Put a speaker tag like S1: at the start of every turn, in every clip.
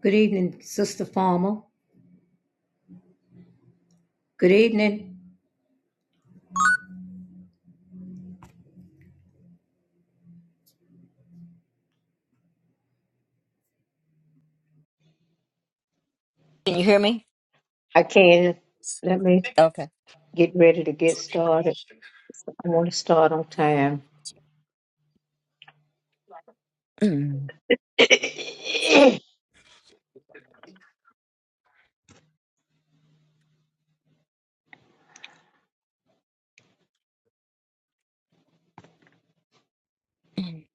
S1: Good evening, Sister Farmer. Good evening.
S2: Can you hear me?
S1: I can. Let me
S2: Okay.
S1: get ready to get started. I want to start on time.
S2: Mm,
S1: Free
S2: mm,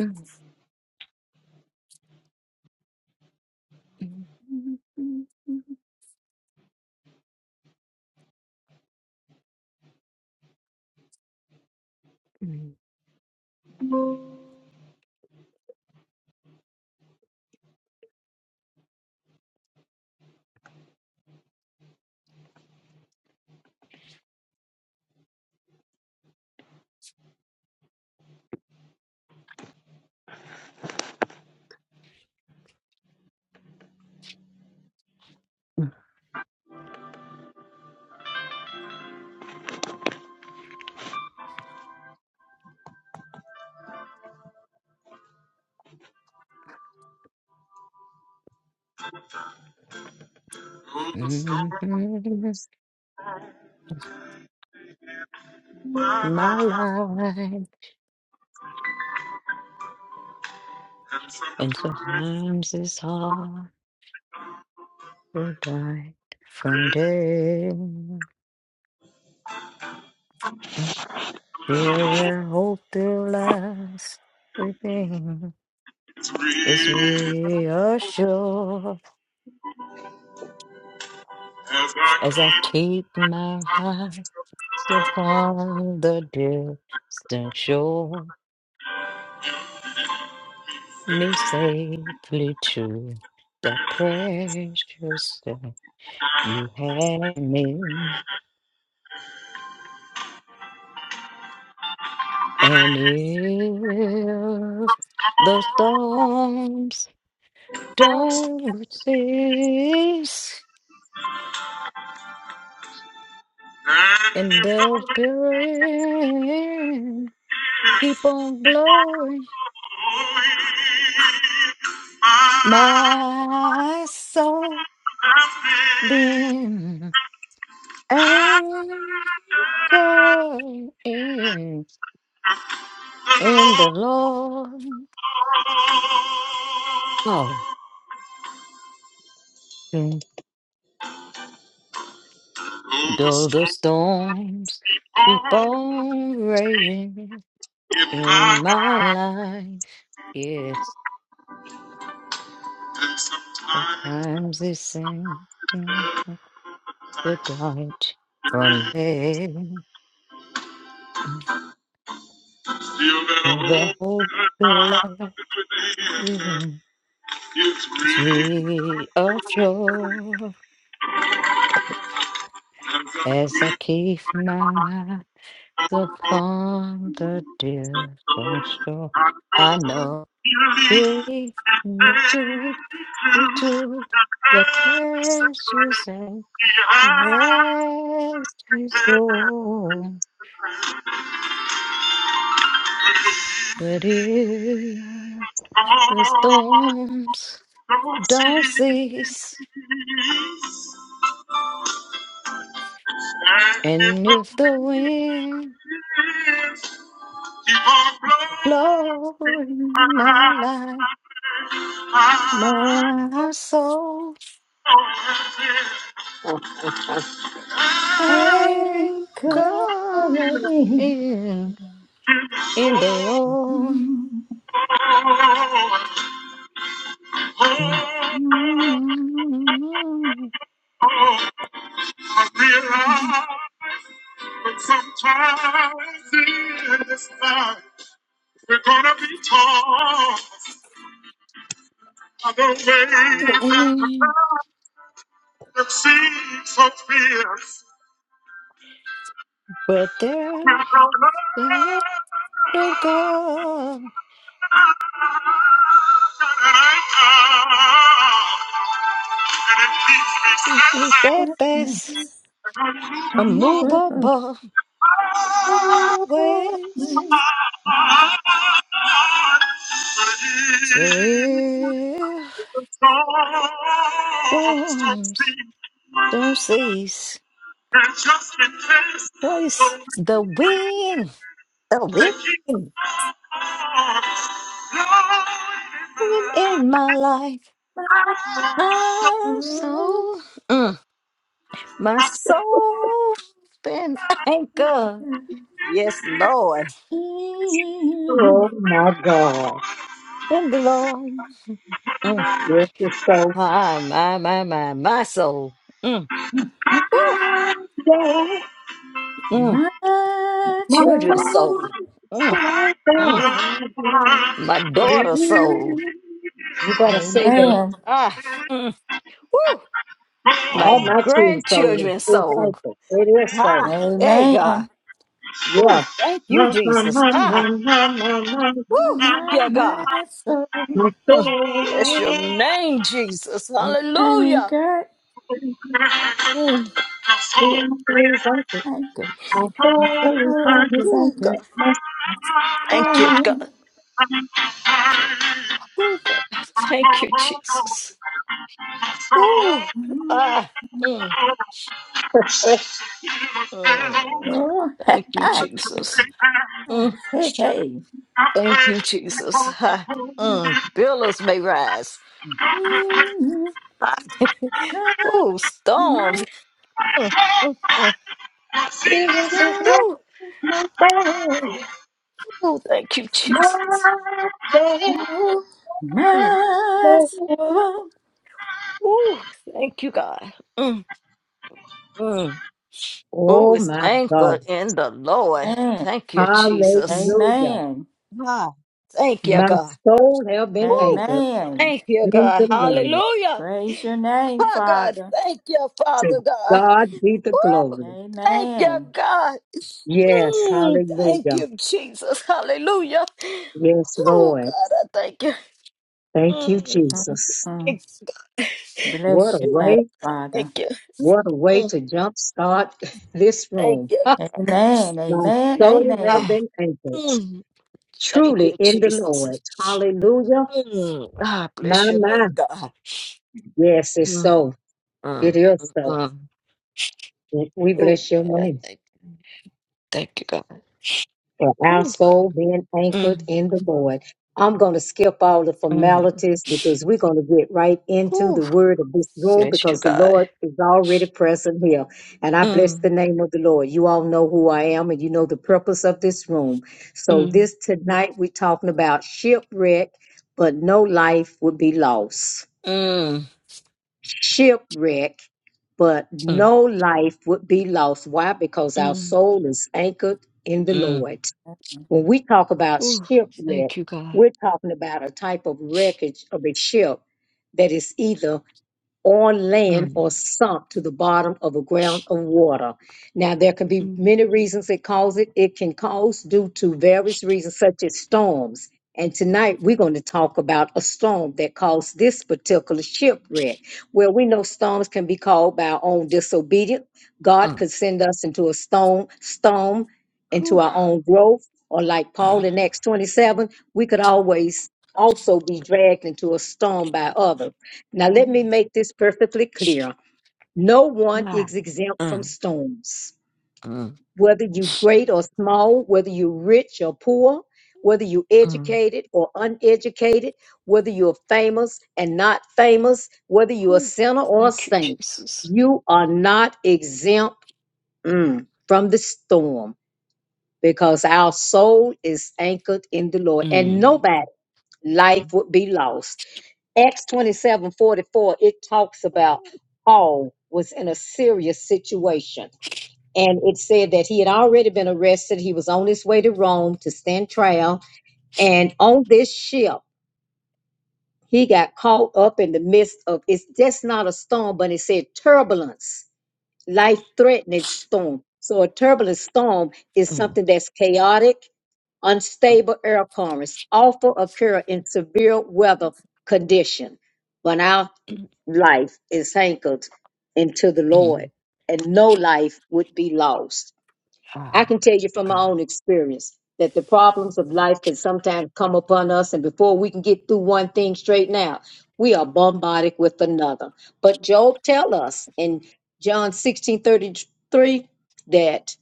S2: mm, mm, mm, mm, mm, mm. My life and sometimes it's hard to die from day. Feel that hope still lies within.
S1: as
S2: It's reassured
S1: I
S2: as I
S1: keep
S2: keep my eyes upon the distant shore. me safely to that precious step you had me. And if the storms don't cease
S1: and
S2: and
S1: if the
S2: the
S1: wind is blowing,
S2: billows keep on blowing,
S1: my
S2: my soul
S1: happy
S2: being anchored in,
S1: Oh,
S2: in the Lord. Mm.
S1: the
S2: Though the
S1: storm
S2: storms
S1: is
S2: keep
S1: on.
S2: on raging
S1: in my
S2: in my
S1: heart,
S2: life, yes,
S1: and sometimes
S2: sometimes they seems the light from there,
S1: still that a
S2: the
S1: hope
S2: hope,
S1: that
S2: the
S1: I
S2: light
S1: within
S2: within
S1: is
S2: is
S1: real.
S2: reassured
S1: As I
S2: as I
S1: breathe,
S2: keep
S1: my
S2: my
S1: heart,
S2: eyes
S1: Oh,
S2: upon the distant shore. I know you lead me to to the precious and yes, storm. But if the storms
S1: don't see.
S2: don't cease,
S1: Sometimes
S2: and if the wind blows in my life, my soul anchor
S3: Anchoring.
S2: in in the Lord.
S3: in
S2: Mm.
S1: in this life we're gonna be torn. Other ways and the path that seems so fierce.
S2: But there
S1: Will go and
S2: No God
S1: I come, and it keeps me
S2: is
S1: steadfast.
S2: that best
S3: darkness,
S1: And I move
S3: unmovable,
S2: unmovable ways.
S3: always
S1: upon but he
S2: So it
S1: is a strong, strong
S2: storms don't
S1: sea.
S2: cease.
S1: I trust and trust the Lord
S2: Place the wind, the
S1: to keep
S2: wind,
S1: on blowing in
S2: wind in my life.
S3: my
S1: my life.
S2: My
S3: surrender.
S2: soul, mm, my soul been anchored. Yes, Lord,
S1: Oh
S3: In
S1: my God.
S2: in the Lord. Mm.
S1: This is so.
S2: My, my, my, my, my soul. Mm. Woo.
S1: Yeah,
S2: Mm.
S3: my
S1: my
S2: children's
S1: God.
S2: soul,
S3: soul.
S2: mm, mm, my daughter's soul,
S1: You gotta say that.
S3: Amen.
S2: ah, mm, woo, my
S1: All my children told me.
S2: grandchildren's
S1: It's like
S2: soul.
S1: that. It is so.
S2: Ah, hey God,
S3: Amen.
S1: Yeah.
S2: woo, thank you,
S1: My, my,
S2: Jesus.
S1: my, my,
S2: Ah,
S1: my, my, my,
S3: My,
S2: woo,
S3: my,
S2: yeah, God,
S3: my soul
S1: my
S2: mm,
S1: soul.
S2: bless your name, Jesus.
S3: is
S2: Hallelujah.
S3: anchored,
S1: My
S2: Mm,
S1: soul is haunted.
S3: anchored.
S1: My
S3: My
S1: soul is
S3: soul
S1: haunted.
S3: is
S2: ooh, God,
S3: anchored. My
S2: thank you,
S3: soul.
S2: God. Oh God, thank you,
S1: My
S2: Jesus. Ooh, ah, mm, mm,
S3: Oh, hey,
S2: thank you, Jesus. Mm.
S3: hey. hey,
S2: Thank you, Jesus. Ha.
S1: soul.
S2: Mm, billows may rise.
S3: Amen.
S2: Ha. Ooh, storms.
S3: Amen.
S2: Mm, mm, mm.
S1: Jesus is not
S2: Ooh,
S1: my friend,
S2: ooh, thank you, Jesus.
S1: my friend.
S2: Mm, ooh, thank you, God. Mm, mm. Ooh,
S1: Oh
S2: it's
S1: my God.
S2: anchored in the Lord. Thank you, Jesus.
S1: Hallelujah.
S2: Ah, thank you,
S1: My
S2: God.
S1: soul have been
S2: Ooh,
S1: anchored
S3: Amen.
S2: thank you,
S1: in
S2: God.
S1: the Lord.
S2: Hallelujah.
S3: Praise your name,
S2: Oh, God,
S3: Father.
S2: thank you,
S1: To
S2: Father God.
S1: God be the
S2: Woo!
S1: glory.
S2: Thank you,
S3: Amen.
S2: God.
S1: Yes,
S2: Mm, thank
S1: hallelujah.
S2: you, Jesus. Hallelujah.
S1: Yes,
S2: Oh,
S1: Lord.
S2: God, I thank you.
S1: Thank you,
S3: Mm,
S2: Mm,
S3: mm,
S1: Jesus.
S3: mm.
S2: thank
S1: What
S3: Bless
S1: a
S3: your
S2: you.
S3: name,
S1: way,
S2: Thank
S3: Father.
S2: you.
S1: what a way
S2: Mm,
S1: to jumpstart this
S2: thank
S1: room.
S2: you. God.
S3: Amen.
S1: My
S3: Amen.
S1: soul have
S3: Amen.
S2: Ah,
S1: been anchored
S2: mm, thank you,
S1: truly in the Lord.
S2: Jesus.
S1: Hallelujah.
S2: Mm, ah,
S1: My,
S2: bless your name,
S1: my.
S2: God.
S1: Yes, it's
S2: Mm,
S1: so. It
S2: mm, mm,
S1: is so.
S2: mm.
S1: We we
S2: Oh,
S1: bless your
S2: God, I
S1: name
S2: thank you. Thank you, God.
S1: for our
S2: Ooh,
S1: soul being anchored
S2: mm,
S1: in the Lord. I'm going to skip all the
S2: mm.
S1: formalities because we're going to get right into
S2: Ooh,
S1: the word of this room
S2: bless you,
S1: because the
S2: God.
S1: Lord is already present here. And I bless the
S2: Mm,
S1: name of the Lord. You all know who I am and you know the purpose of this room. So,
S2: mm.
S1: this tonight we're talking about shipwreck, but no life would be lost.
S2: Mm,
S1: shipwreck, but
S2: mm,
S1: no life would be lost. Why? Because our
S2: mm,
S1: soul is anchored in the
S2: mm.
S1: Lord. When we talk about
S2: Ooh,
S1: shipwreck,
S2: thank you, God.
S1: we're talking about a type of wreckage of a ship that is either on land
S2: Mm,
S1: or sunk to the bottom of a ground of water. Now, there can be
S2: mm,
S1: many reasons it causes it. It can cause due to various reasons, such as storms. And tonight we're going to talk about a storm that caused this particular shipwreck. Well, we know storms can be caused by our own disobedience. God
S2: mm.
S1: could send us into a storm, storm, into
S2: Whew,
S1: our own growth, or like Paul
S2: mm,
S1: in Acts 27, we could always also be dragged into a storm by others. Now, let me
S2: mm,
S1: make this perfectly clear. No one
S2: God.
S1: is exempt from
S2: Mm,
S1: storms,
S2: mm,
S1: whether you great or small, whether you rich or poor, whether you
S2: mm.
S1: educated or uneducated, whether you're famous and not famous, whether you're a
S2: Whew,
S1: sinner or a
S2: Thank you,
S1: saint.
S2: Jesus.
S1: You are not exempt mm, from the storm because our soul is anchored in the Lord and
S2: Mm,
S1: nobody life
S2: mm,
S1: would be lost Acts 27 44. it talks about Paul was in a serious situation. And it said that he had already been arrested. He was on his way to Rome to stand trial. And on this ship, he got caught up in the midst of it's just not a storm, but it said turbulence life threatening storm. So, a turbulent storm is
S2: mm,
S1: something that's chaotic, unstable air currents, often occur in severe weather condition. When our
S2: mm,
S1: life is anchored into the Lord,
S2: mm.
S1: and no life would be lost. I
S2: Ah,
S1: can
S2: thank
S1: tell you
S2: you,
S1: from my
S2: God.
S1: own experience that the problems of life can sometimes come upon us, and before we can get through one thing straight now, we are bombarded with another. But Job tell us in John sixteen thirty three that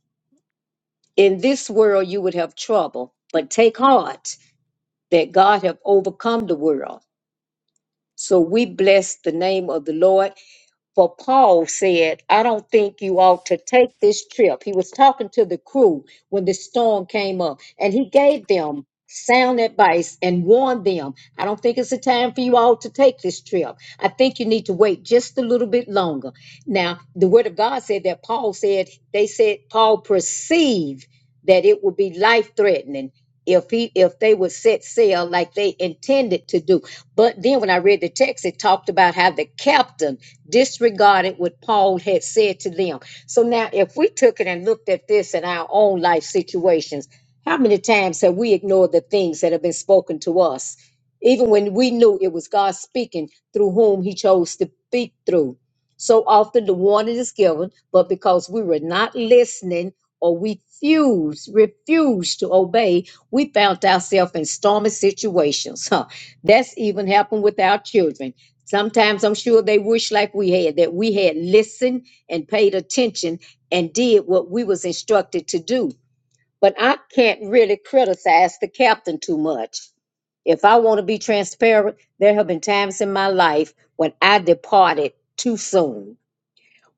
S1: in this world you would have trouble, but take heart that God have overcome the world. So we bless the name of the Lord for Paul said, I don't think you ought to take this trip. He was talking to the crew when the storm came up, and he gave them sound advice and warned them, I don't think it's a time for you all to take this trip. I think you need to wait just a little bit longer. Now, the word of God said that Paul said, they said Paul perceived that it would be life threatening if he if they would set sail like they intended to do. But then when I read the text, it talked about how the captain disregarded what Paul had said to them. So now if we took it and looked at this in our own life situations, how many times have we ignored the things that have been spoken to us? Even when we knew it was God speaking through whom he chose to speak through so often the warning is given, but because we were not listening or we refused, refused to obey, we found ourselves in stormy situations. Huh. That's even happened with our children. Sometimes I'm sure they wish like we had, that we had listened and paid attention and did what we was instructed to do. But I can't really criticize the captain too much. If I want to be transparent, there have been times in my life when I departed too soon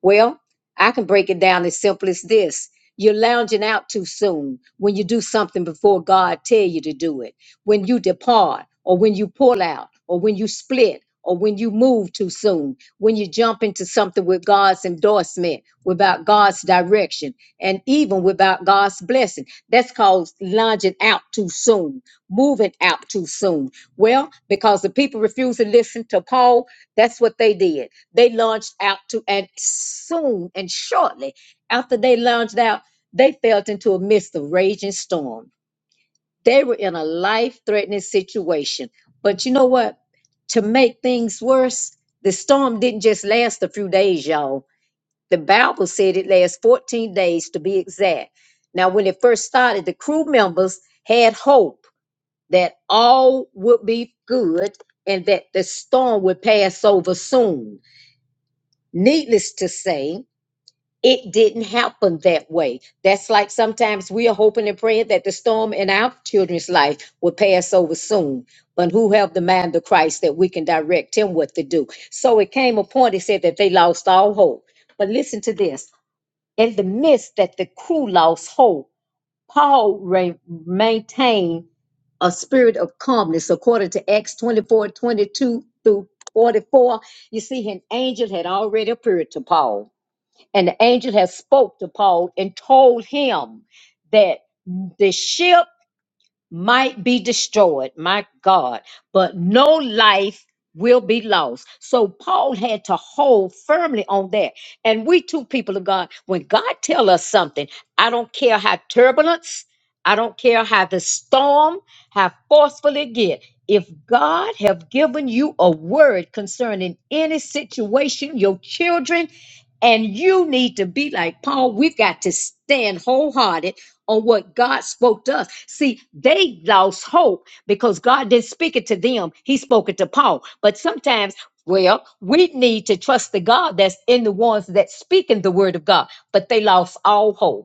S1: well, I can break it down as simple as this. You're lounging out too soon when you do something before God tell you to do it. When you depart or when you pull out or when you split or when you move too soon, when you jump into something with God's endorsement, without God's direction, and even even without God's blessing. That's called lunging out too soon, moving out too soon. Well, because the people refused to listen to Paul, that's what they did. They launched out to, and soon and shortly after they launched out, they fell into a midst of raging storm. They were in a life threatening situation. But you know what? To make things worse, the storm didn't just last a few days, y'all. The Bible said it lasts 14 days to be exact. Now, when it first started, the crew members had hope that all would be good and that the storm would pass over soon. Needless to say, it didn't happen that way. That's like sometimes we are hoping and praying that the storm in our children's life will pass over soon. But who have the mind of Christ that we can direct him what to do? So it came a point, it said that they lost all hope. But listen to this in the midst that the crew lost hope, Paul re- maintained a spirit of calmness according to Acts 24 22 through 44. You see, an angel had already appeared to Paul, and the angel had spoke to Paul and told him that the ship might be destroyed, my God, but no life will be lost. So Paul had to hold firmly on that. And we too, people of God, when God tell us something, I don't care how turbulence, I don't care how the storm, how forceful it get. If God have given you a word concerning any situation, your children, and you need to be like Paul, we've got to stand wholehearted on what God spoke to us. See, they lost hope because God didn't speak it to them, He spoke it to Paul. But sometimes, well, we need to trust the God that's in the ones that's speaking the word of God, but they lost all hope.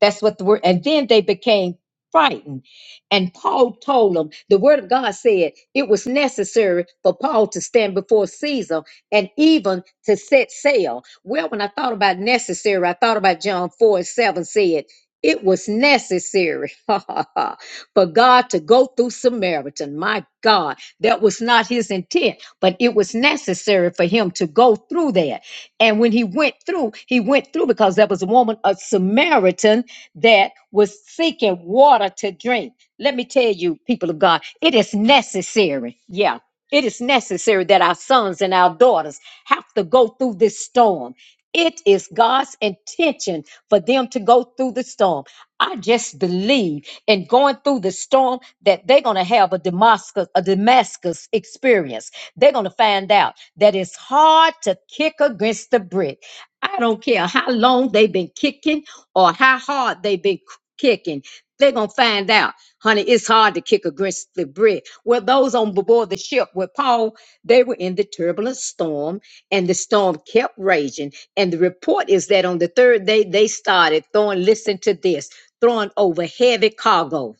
S1: That's what the word, and then they became frightened. And Paul told them, the word of God said it was necessary for Paul to stand before Caesar and even to set sail. Well, when I thought about necessary, I thought about John 4 and 7 said, it was necessary for God to go through Samaritan. My God, that was not his intent, but it was necessary for him to go through that and when he went through, he went through because there was a woman, a Samaritan, that was seeking water to drink. Let me tell you, people of God, it is necessary. Yeah. It is necessary that our sons and our daughters have to go through this storm. It is God's intention for them to go through the storm I just believe in going through the storm that they're going to have a Damascus, a Damascus experience. They're going to find out that it's hard to kick against the brick. I don't care how long they've been kicking or how hard they've been k- kicking. They're going to find out, honey, it's hard to kick against the brick. Well, those on board the ship with Paul, they were in the turbulent storm, and the storm kept raging. And the report is that on the third day, they started throwing, listen to this, throwing over heavy cargo.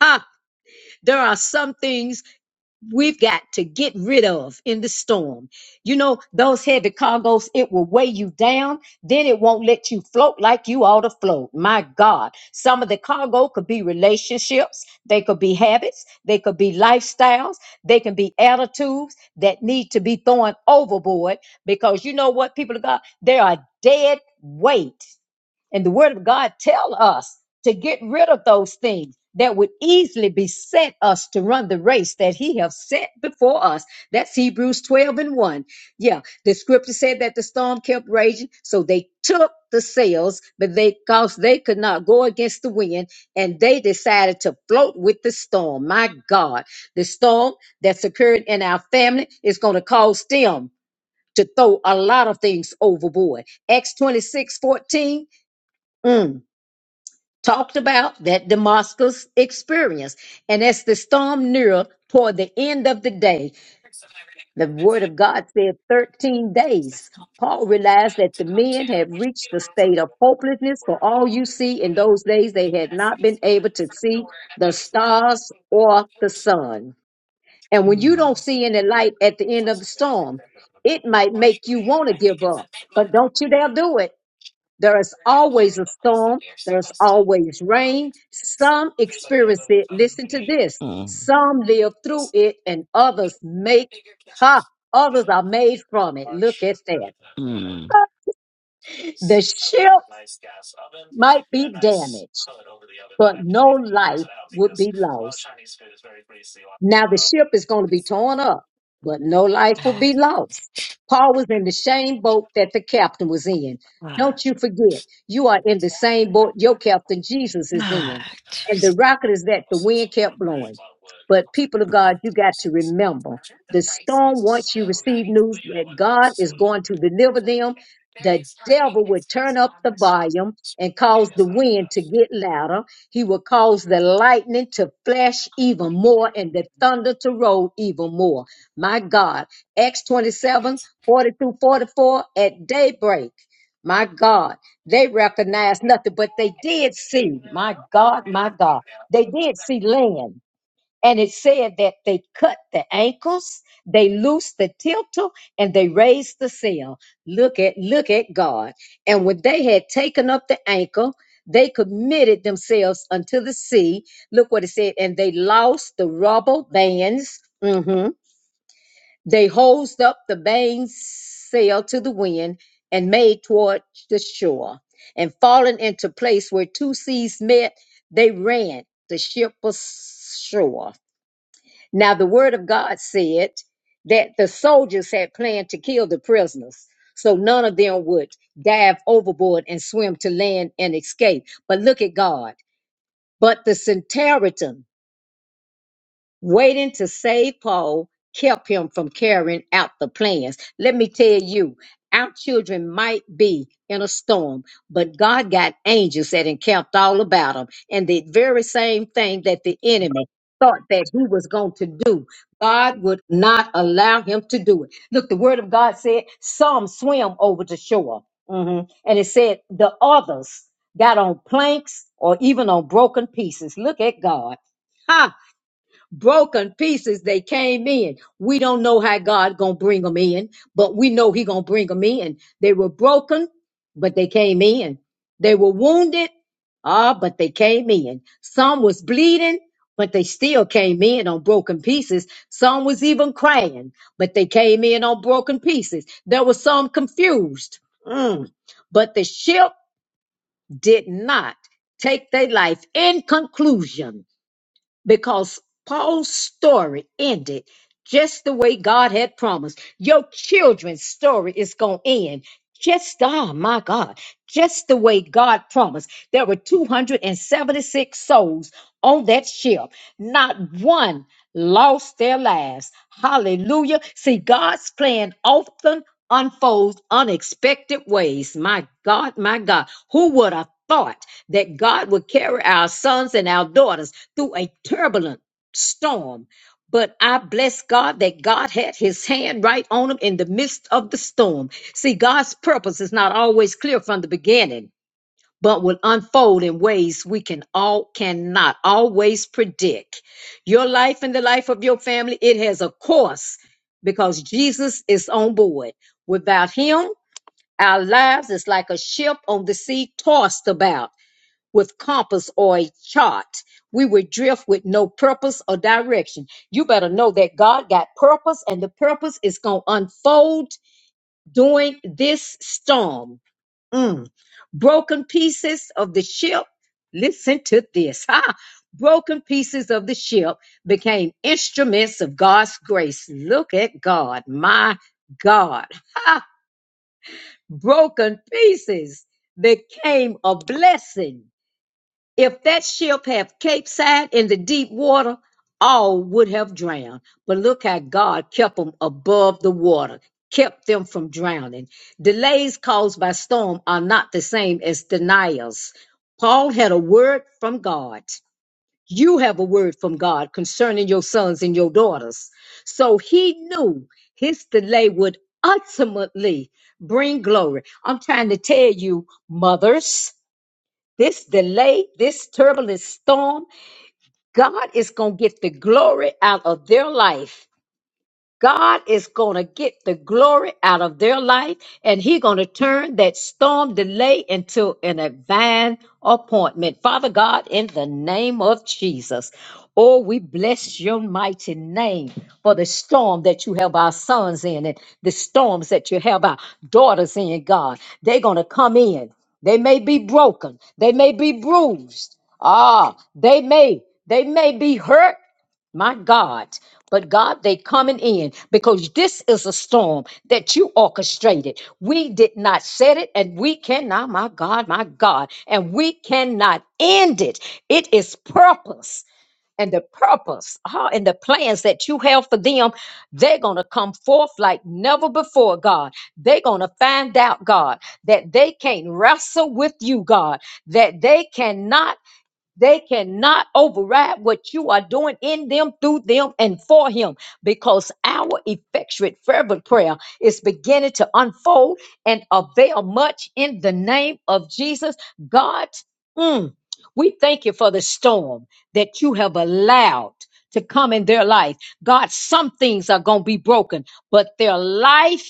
S1: Ha! There are some things we've got to get rid of in the storm. You know, those heavy cargoes, it will weigh you down. Then it won't let you float like you ought to float. My God. Some of the cargo could be relationships. They could be habits. They could be lifestyles. They can be attitudes that need to be thrown overboard because you know what, people of God, they are dead weight. And the word of God tell us to get rid of those things that would easily beset us to run the race that he have set before us. That's Hebrews 12 and 1. Yeah, the scripture said that the storm kept raging, so they took the sails, but they cause they could not go against the wind, and they decided to float with the storm. My God, the storm that's occurred in our family is going to cause them to throw a lot of things overboard. Acts 26 14. mm, talked about that Damascus experience. And as the storm neared toward the end of the day, the word of God said 13 days. Paul realized that the men had reached the state of hopelessness for all you see in those days. They had not been able to see the stars or the sun. And when you don't
S2: Mm,
S1: see any light at the end of the storm, it might make you want to give up, but don't you dare do it there is always a storm. There's always rain. Some experience it. Listen to this.
S2: mm,
S1: Some live through it and others make, ha, others are made from it. Look at that.
S2: mm.
S1: The ship might be damaged, but no life would be lost. Now the ship is going to be torn up, but no life will be lost. Paul was in the same boat that the captain was in.
S2: Ah,
S1: Don't you forget, you are in the same boat your captain Jesus is
S2: ah,
S1: in. And the
S2: Jesus.
S1: rocket is that the wind kept blowing. But people of God, you got to remember the storm, once you receive news that God is going to deliver them, the devil will turn up the volume and cause the wind to get louder. He will cause the lightning to flash even more and the thunder to roll even more. My God, Acts 27, forty through 44, at daybreak, my God, they recognized nothing, but they did see, my God, my God, they did see land and it said that they cut the ankles, they loosed the tiltle, and they raised the sail. Look at look at God. And when they had taken up the ankle, they committed themselves unto the sea. Look what it said, and they lost the rubble bands. Mhm. They hosed up the mainsail to the wind and made toward the shore. And falling into place where two seas met, they ran. The ship was shore. Now, the word of God said that the soldiers had planned to kill the prisoners, so none of them would dive overboard and swim to land and escape. But look at God. But the centurion Waiting to save Paul kept him from carrying out the plans. Let me tell you, our children might be in a storm, but God got angels that encamped all about them. And the very same thing that the enemy thought that he was going to do, God would not allow him to do it. Look, the word of God said some swam over the shore. Mhm. And it said the others got on planks or even on broken pieces. Look at God. Ha! broken pieces they came in we don't know how god gonna bring them in but we know he gonna bring them in they were broken but they came in they were wounded ah but they came in some was bleeding but they still came in on broken pieces some was even crying but they came in on broken pieces there was some confused Mm. but the ship did not take their life in conclusion because Paul's story ended just the way God had promised. Your children's story is going to end just, oh my God, just the way God promised. There were 276 souls on that ship, not one lost their lives. Hallelujah. See, God's plan often unfolds unexpected ways. My God, my God, who would have thought that God would carry our sons and our daughters through a turbulent storm. But I bless God that God had his hand right on them in the midst of the storm. See, God's purpose is not always clear from the beginning, but will unfold in ways we can all cannot always predict. Your life and the life of your family, it has a course because Jesus is on board. Without him, our lives is like a ship on the sea tossed about with compass or a chart. We would drift with no purpose or direction. You better know that God got purpose, and the purpose is going to unfold during this storm. Mm. Broken pieces of the ship. Listen to this. Ha! Broken pieces of the ship became instruments of God's grace. Look at God, my God. Broken pieces became a blessing if that ship had capsized in the deep water, all would have drowned. But look how God kept them above the water, kept them from drowning. Delays caused by storm are not the same as denials. Paul had a word from God. You have a word from God concerning your sons and your daughters. So he knew his delay would ultimately bring glory. I'm trying to tell you, mothers. This delay, this turbulent storm, God is going to get the glory out of their life God is going to get the glory out of their life and he's going to turn that storm delay into an divine appointment. Father God, in the name of Jesus, oh, we bless your mighty name for the storm that you have our sons in and the storms that you have our daughters in, God. They're going to come in. They may be broken. They may be bruised. Ah, they may, they may be hurt my God. But God, they coming in because this is a storm that you orchestrated. We did not set it and we cannot, my God, my God, and we cannot end it. It is purpose and the purpose ah, and the plans that you have for them. They're going to come forth like never before, God. They're going to find out, God, that they can't wrestle with you, God, that they cannot they cannot override what you are doing in them, through them, and for him because our effectual, fervent prayer is beginning to unfold and avail much in the name of Jesus. God, mm, we thank you for the storm that you have allowed to come in their life. God, some things are going to be broken, but their life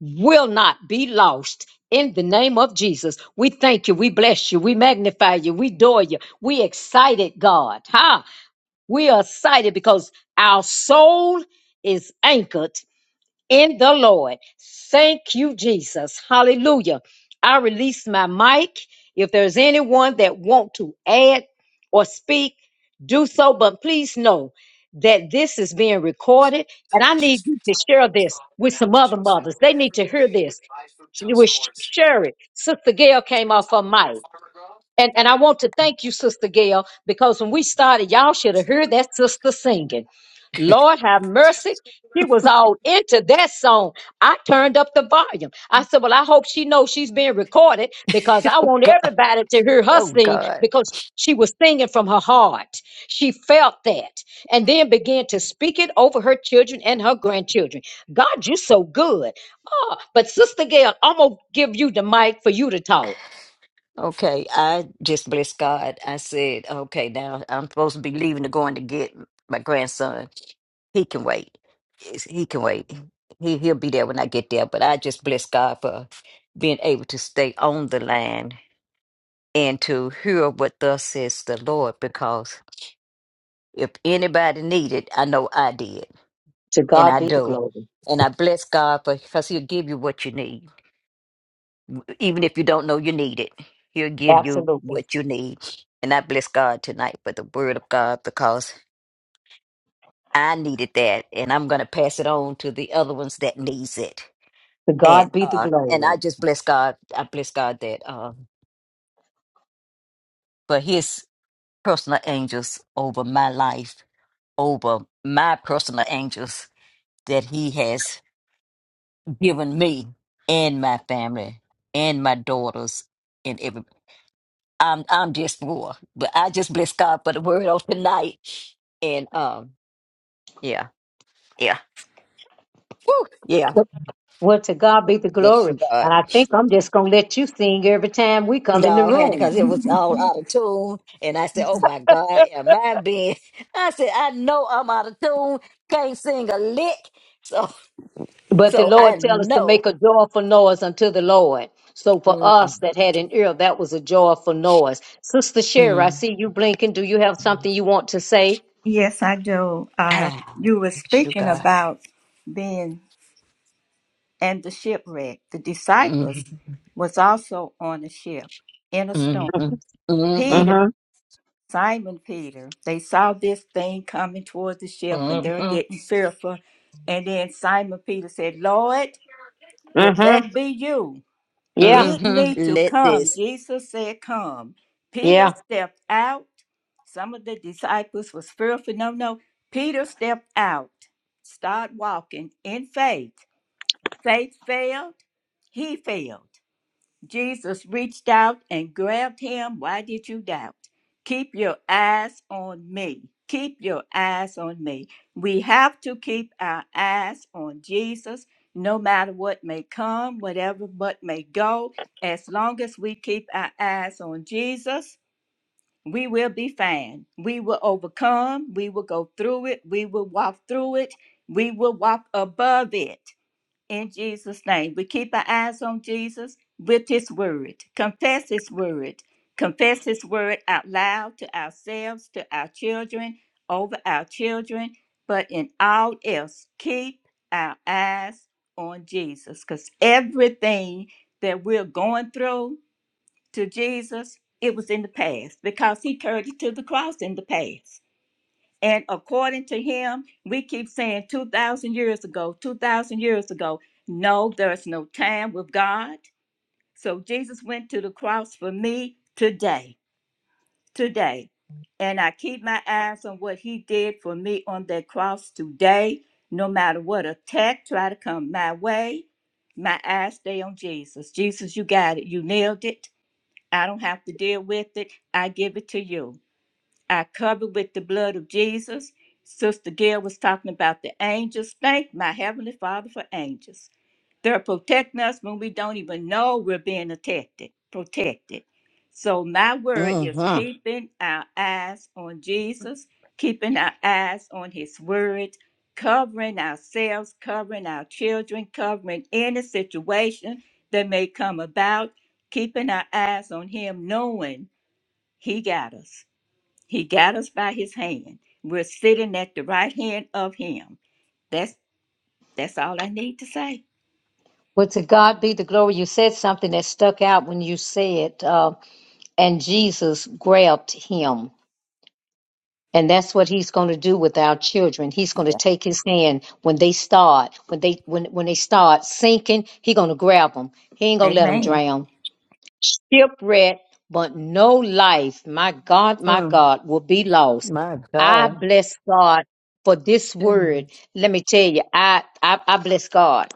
S1: will not be lost. In the name of Jesus, we thank you, we bless you, we magnify you, we adore you, we excited, God. Ha! We are excited because our soul is anchored in the Lord. Thank you, Jesus. Hallelujah. I release my mic. If there's anyone that want to add or speak, do so. But please know that this is being recorded, and I need you to share this with some other mothers. They need to hear this. She was sh- share it. Sister Gail came off her mic. And and I want to thank you, Sister Gail, because when we started, y'all should have heard that sister singing. Lord have mercy. She was all into that song. I turned up the volume. I said, Well, I hope she knows she's being recorded because I
S2: Oh,
S1: want
S2: God.
S1: everybody to hear her
S2: Oh,
S1: sing
S2: God.
S1: because she was singing from her heart. She felt that and then began to speak it over her children and her grandchildren. God, you're so good. Oh, but Sister Gail, I'm going to give you the mic for you to talk.
S2: Okay, I just bless God. I said, okay, now I'm supposed to be leaving to going to get my grandson. He can wait. Yes, He can wait. He he'll be there when I get there. But I just bless God for being able to stay on the line and to hear what thus says the Lord. Because if anybody needed, I know I did,
S1: To
S2: and
S1: God
S2: I
S1: be the
S2: do.
S1: glory.
S2: And I bless God for because He'll give you what you need Even if you don't know you need it, He'll give you
S1: Absolutely.
S2: what you need. And I bless God tonight for the word of God because I needed that, and I'm going to pass it on to the other ones that needs it.
S1: To God
S2: And
S1: be the
S2: uh, and
S1: glory.
S2: I just bless God. I bless God that uh, for His personal angels over my life, over my personal angels that He has given me and my family and my daughters and everybody. I'm I'm just more, but I just bless God for the word of tonight. And um, yeah, yeah, Woo, yeah.
S1: Well, to God be the
S2: Bless
S1: glory.
S2: you,
S1: And
S2: God.
S1: I think I'm just going to let you sing every time we come in the
S2: No, honey,
S1: room.
S2: because it was all out of tune, and I said, "Oh my God, am I being?" I said, "I know I'm out of tune. Can't sing a lick." So,
S1: But the
S2: so
S1: Lord
S2: I
S1: tell us to
S2: know.
S1: make a joyful noise unto the Lord. So for
S2: Mm,
S1: us that had an ear, that was a joyful noise. Sister Sherry, I
S2: mm,
S1: see you blinking. Do you have
S2: mm.
S1: something you want to say?
S3: Yes, I do. Uh,
S2: Ah,
S3: you were
S2: bless you,
S3: speaking
S2: God.
S3: about being. and the shipwreck. The disciples
S2: Mm,
S3: was also on the ship in a storm.
S2: mm, mm, mm,
S3: Peter,
S1: Mm-hmm.
S3: Simon Peter, they saw this thing coming toward the ship and they
S2: mm,
S3: were
S2: mm,
S3: getting fearful. And then Simon Peter said, Lord, if
S1: Mm-hmm.
S3: that be you,
S1: Yeah.
S3: bid
S2: mm.
S3: me to
S2: Let
S3: come.
S2: this.
S3: Jesus said, Come. Peter
S1: Yeah.
S3: stepped out. Some of the disciples was fearful. No, no. Peter stepped out, start walking in faith. Faith failed, he failed. Jesus reached out and grabbed him. Why did you doubt? Keep your eyes on me. Keep your eyes on me. We have to keep our eyes on Jesus no matter what may come, whatever but may go. As long as we keep our eyes on Jesus, we will be fine. We will overcome. We will go through it. We will walk through it. We will walk above it in Jesus' name. We keep our eyes on Jesus with his word. Confess his word. Confess his word out loud to ourselves, to our children, over our children. But in all else, keep our eyes on Jesus because everything that we're going through to Jesus, it was in the past because he carried it to the cross in the past. And according to him, we keep saying 2,000 years ago, 2,000 years ago. No, there's no time with God. So Jesus went to the cross for me today, today. And I keep my eyes on what he did for me on that cross today. No matter what attack try to come my way, my eyes stay on Jesus. Jesus, you got it. You nailed it. I don't have to deal with it. I give it to you. I cover with the blood of Jesus. Sister Gail was talking about the angels. Thank my Heavenly Father for angels. They're protecting us when we don't even know we're being protected. Protected. So my word is
S2: Mm-hmm.
S3: keeping our eyes on Jesus, keeping our eyes on His word, covering ourselves, covering our children, covering any situation that may come about, keeping our eyes on Him, knowing He got us. He got us by his hand. We're sitting at the right hand of him. That's that's all I need to say.
S1: Well, to God be the glory. You said something that stuck out when you said, uh, and Jesus grabbed him. And that's what he's going to do with our children. He's going to
S3: Yeah.
S1: take his hand when they start, when they when when they start sinking, he's going to grab them. He ain't going to let them
S3: Amen.
S1: drown shipwreck, but no life, my God, my
S2: Mm-hmm.
S1: God, will be lost.
S2: My
S1: I
S2: God.
S1: bless God for this word.
S2: No,
S1: Let me tell you, I I, I bless God.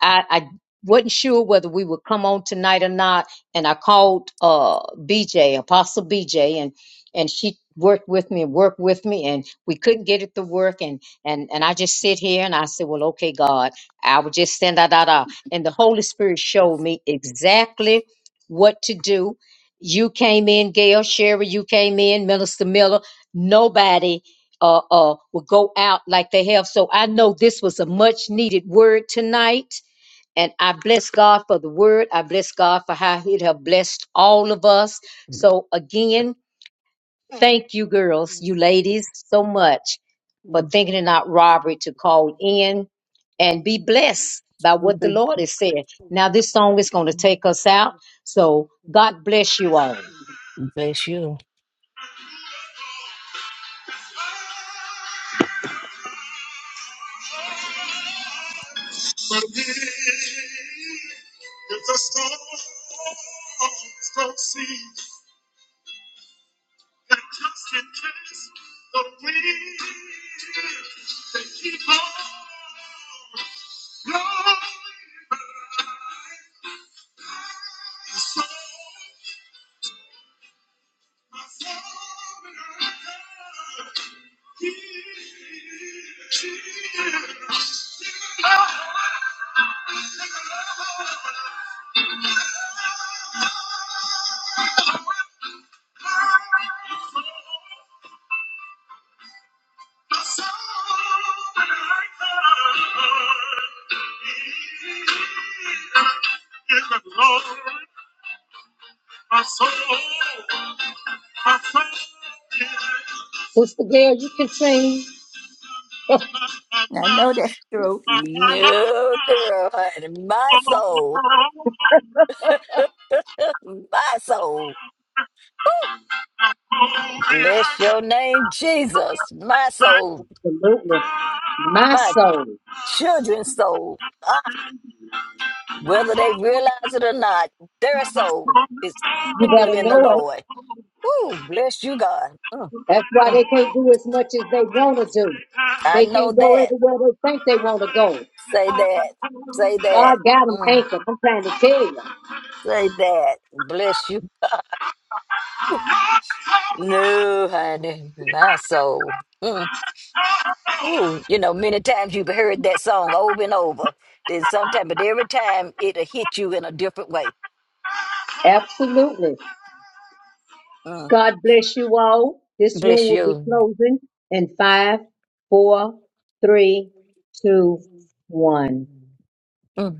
S1: I, I wasn't sure whether we would come on tonight or not, and I called uh BJ, Apostle BJ, and and she worked with me and worked with me and we couldn't get it to work and and and I just sit here and I said, Well, okay, God, I would just send that out. And the Holy Spirit showed me exactly what to do. You came in, Gail Sherry, you came in, Minister Miller. Nobody uh, uh, would go out like they have. So I know this was a much needed word tonight. And I bless God for the word. I bless God for how He have blessed all of us. So again, Thank you, girls, you ladies, so much for thinking it not robbery to call in and be blessed by what the Lord has said. Now, this song is going to take us out. So, God bless you all. if the storm don't cease, I just can't catch the wind. They keep on blowing my soul, my soul, and I can't hear. My soul, and I can't hear. Lord, my soul. Sister Gail, you can sing.
S3: I know that's true.
S2: girl, honey. My soul. My soul. Woo! Bless your name, Jesus. My soul.
S1: Absolutely. My
S2: My
S1: soul.
S2: children's soul. Ah, whether they realize it or not, their soul is
S1: You better
S2: anchored in the
S1: know it.
S2: Lord. Woo! Bless you, God. Mm,
S1: That's why
S2: mm.
S1: they can't do as much as they want to do.
S2: I
S1: They
S2: know
S1: can't go
S2: that.
S1: everywhere they think they want to go.
S2: Say that. Say that.
S1: God got them
S2: Mm,
S1: anchored. I'm trying to tell you.
S2: say that. Bless you. No, honey. My soul. mm, Ooh, you know, many times you've heard that song over and over. Then sometime, but every time it'll hit you in a different way.
S1: Absolutely.
S2: Mm.
S1: God bless you all. This room
S2: Bless
S1: will be
S2: you.
S1: closing in five, four, three, two, one.
S2: Mm.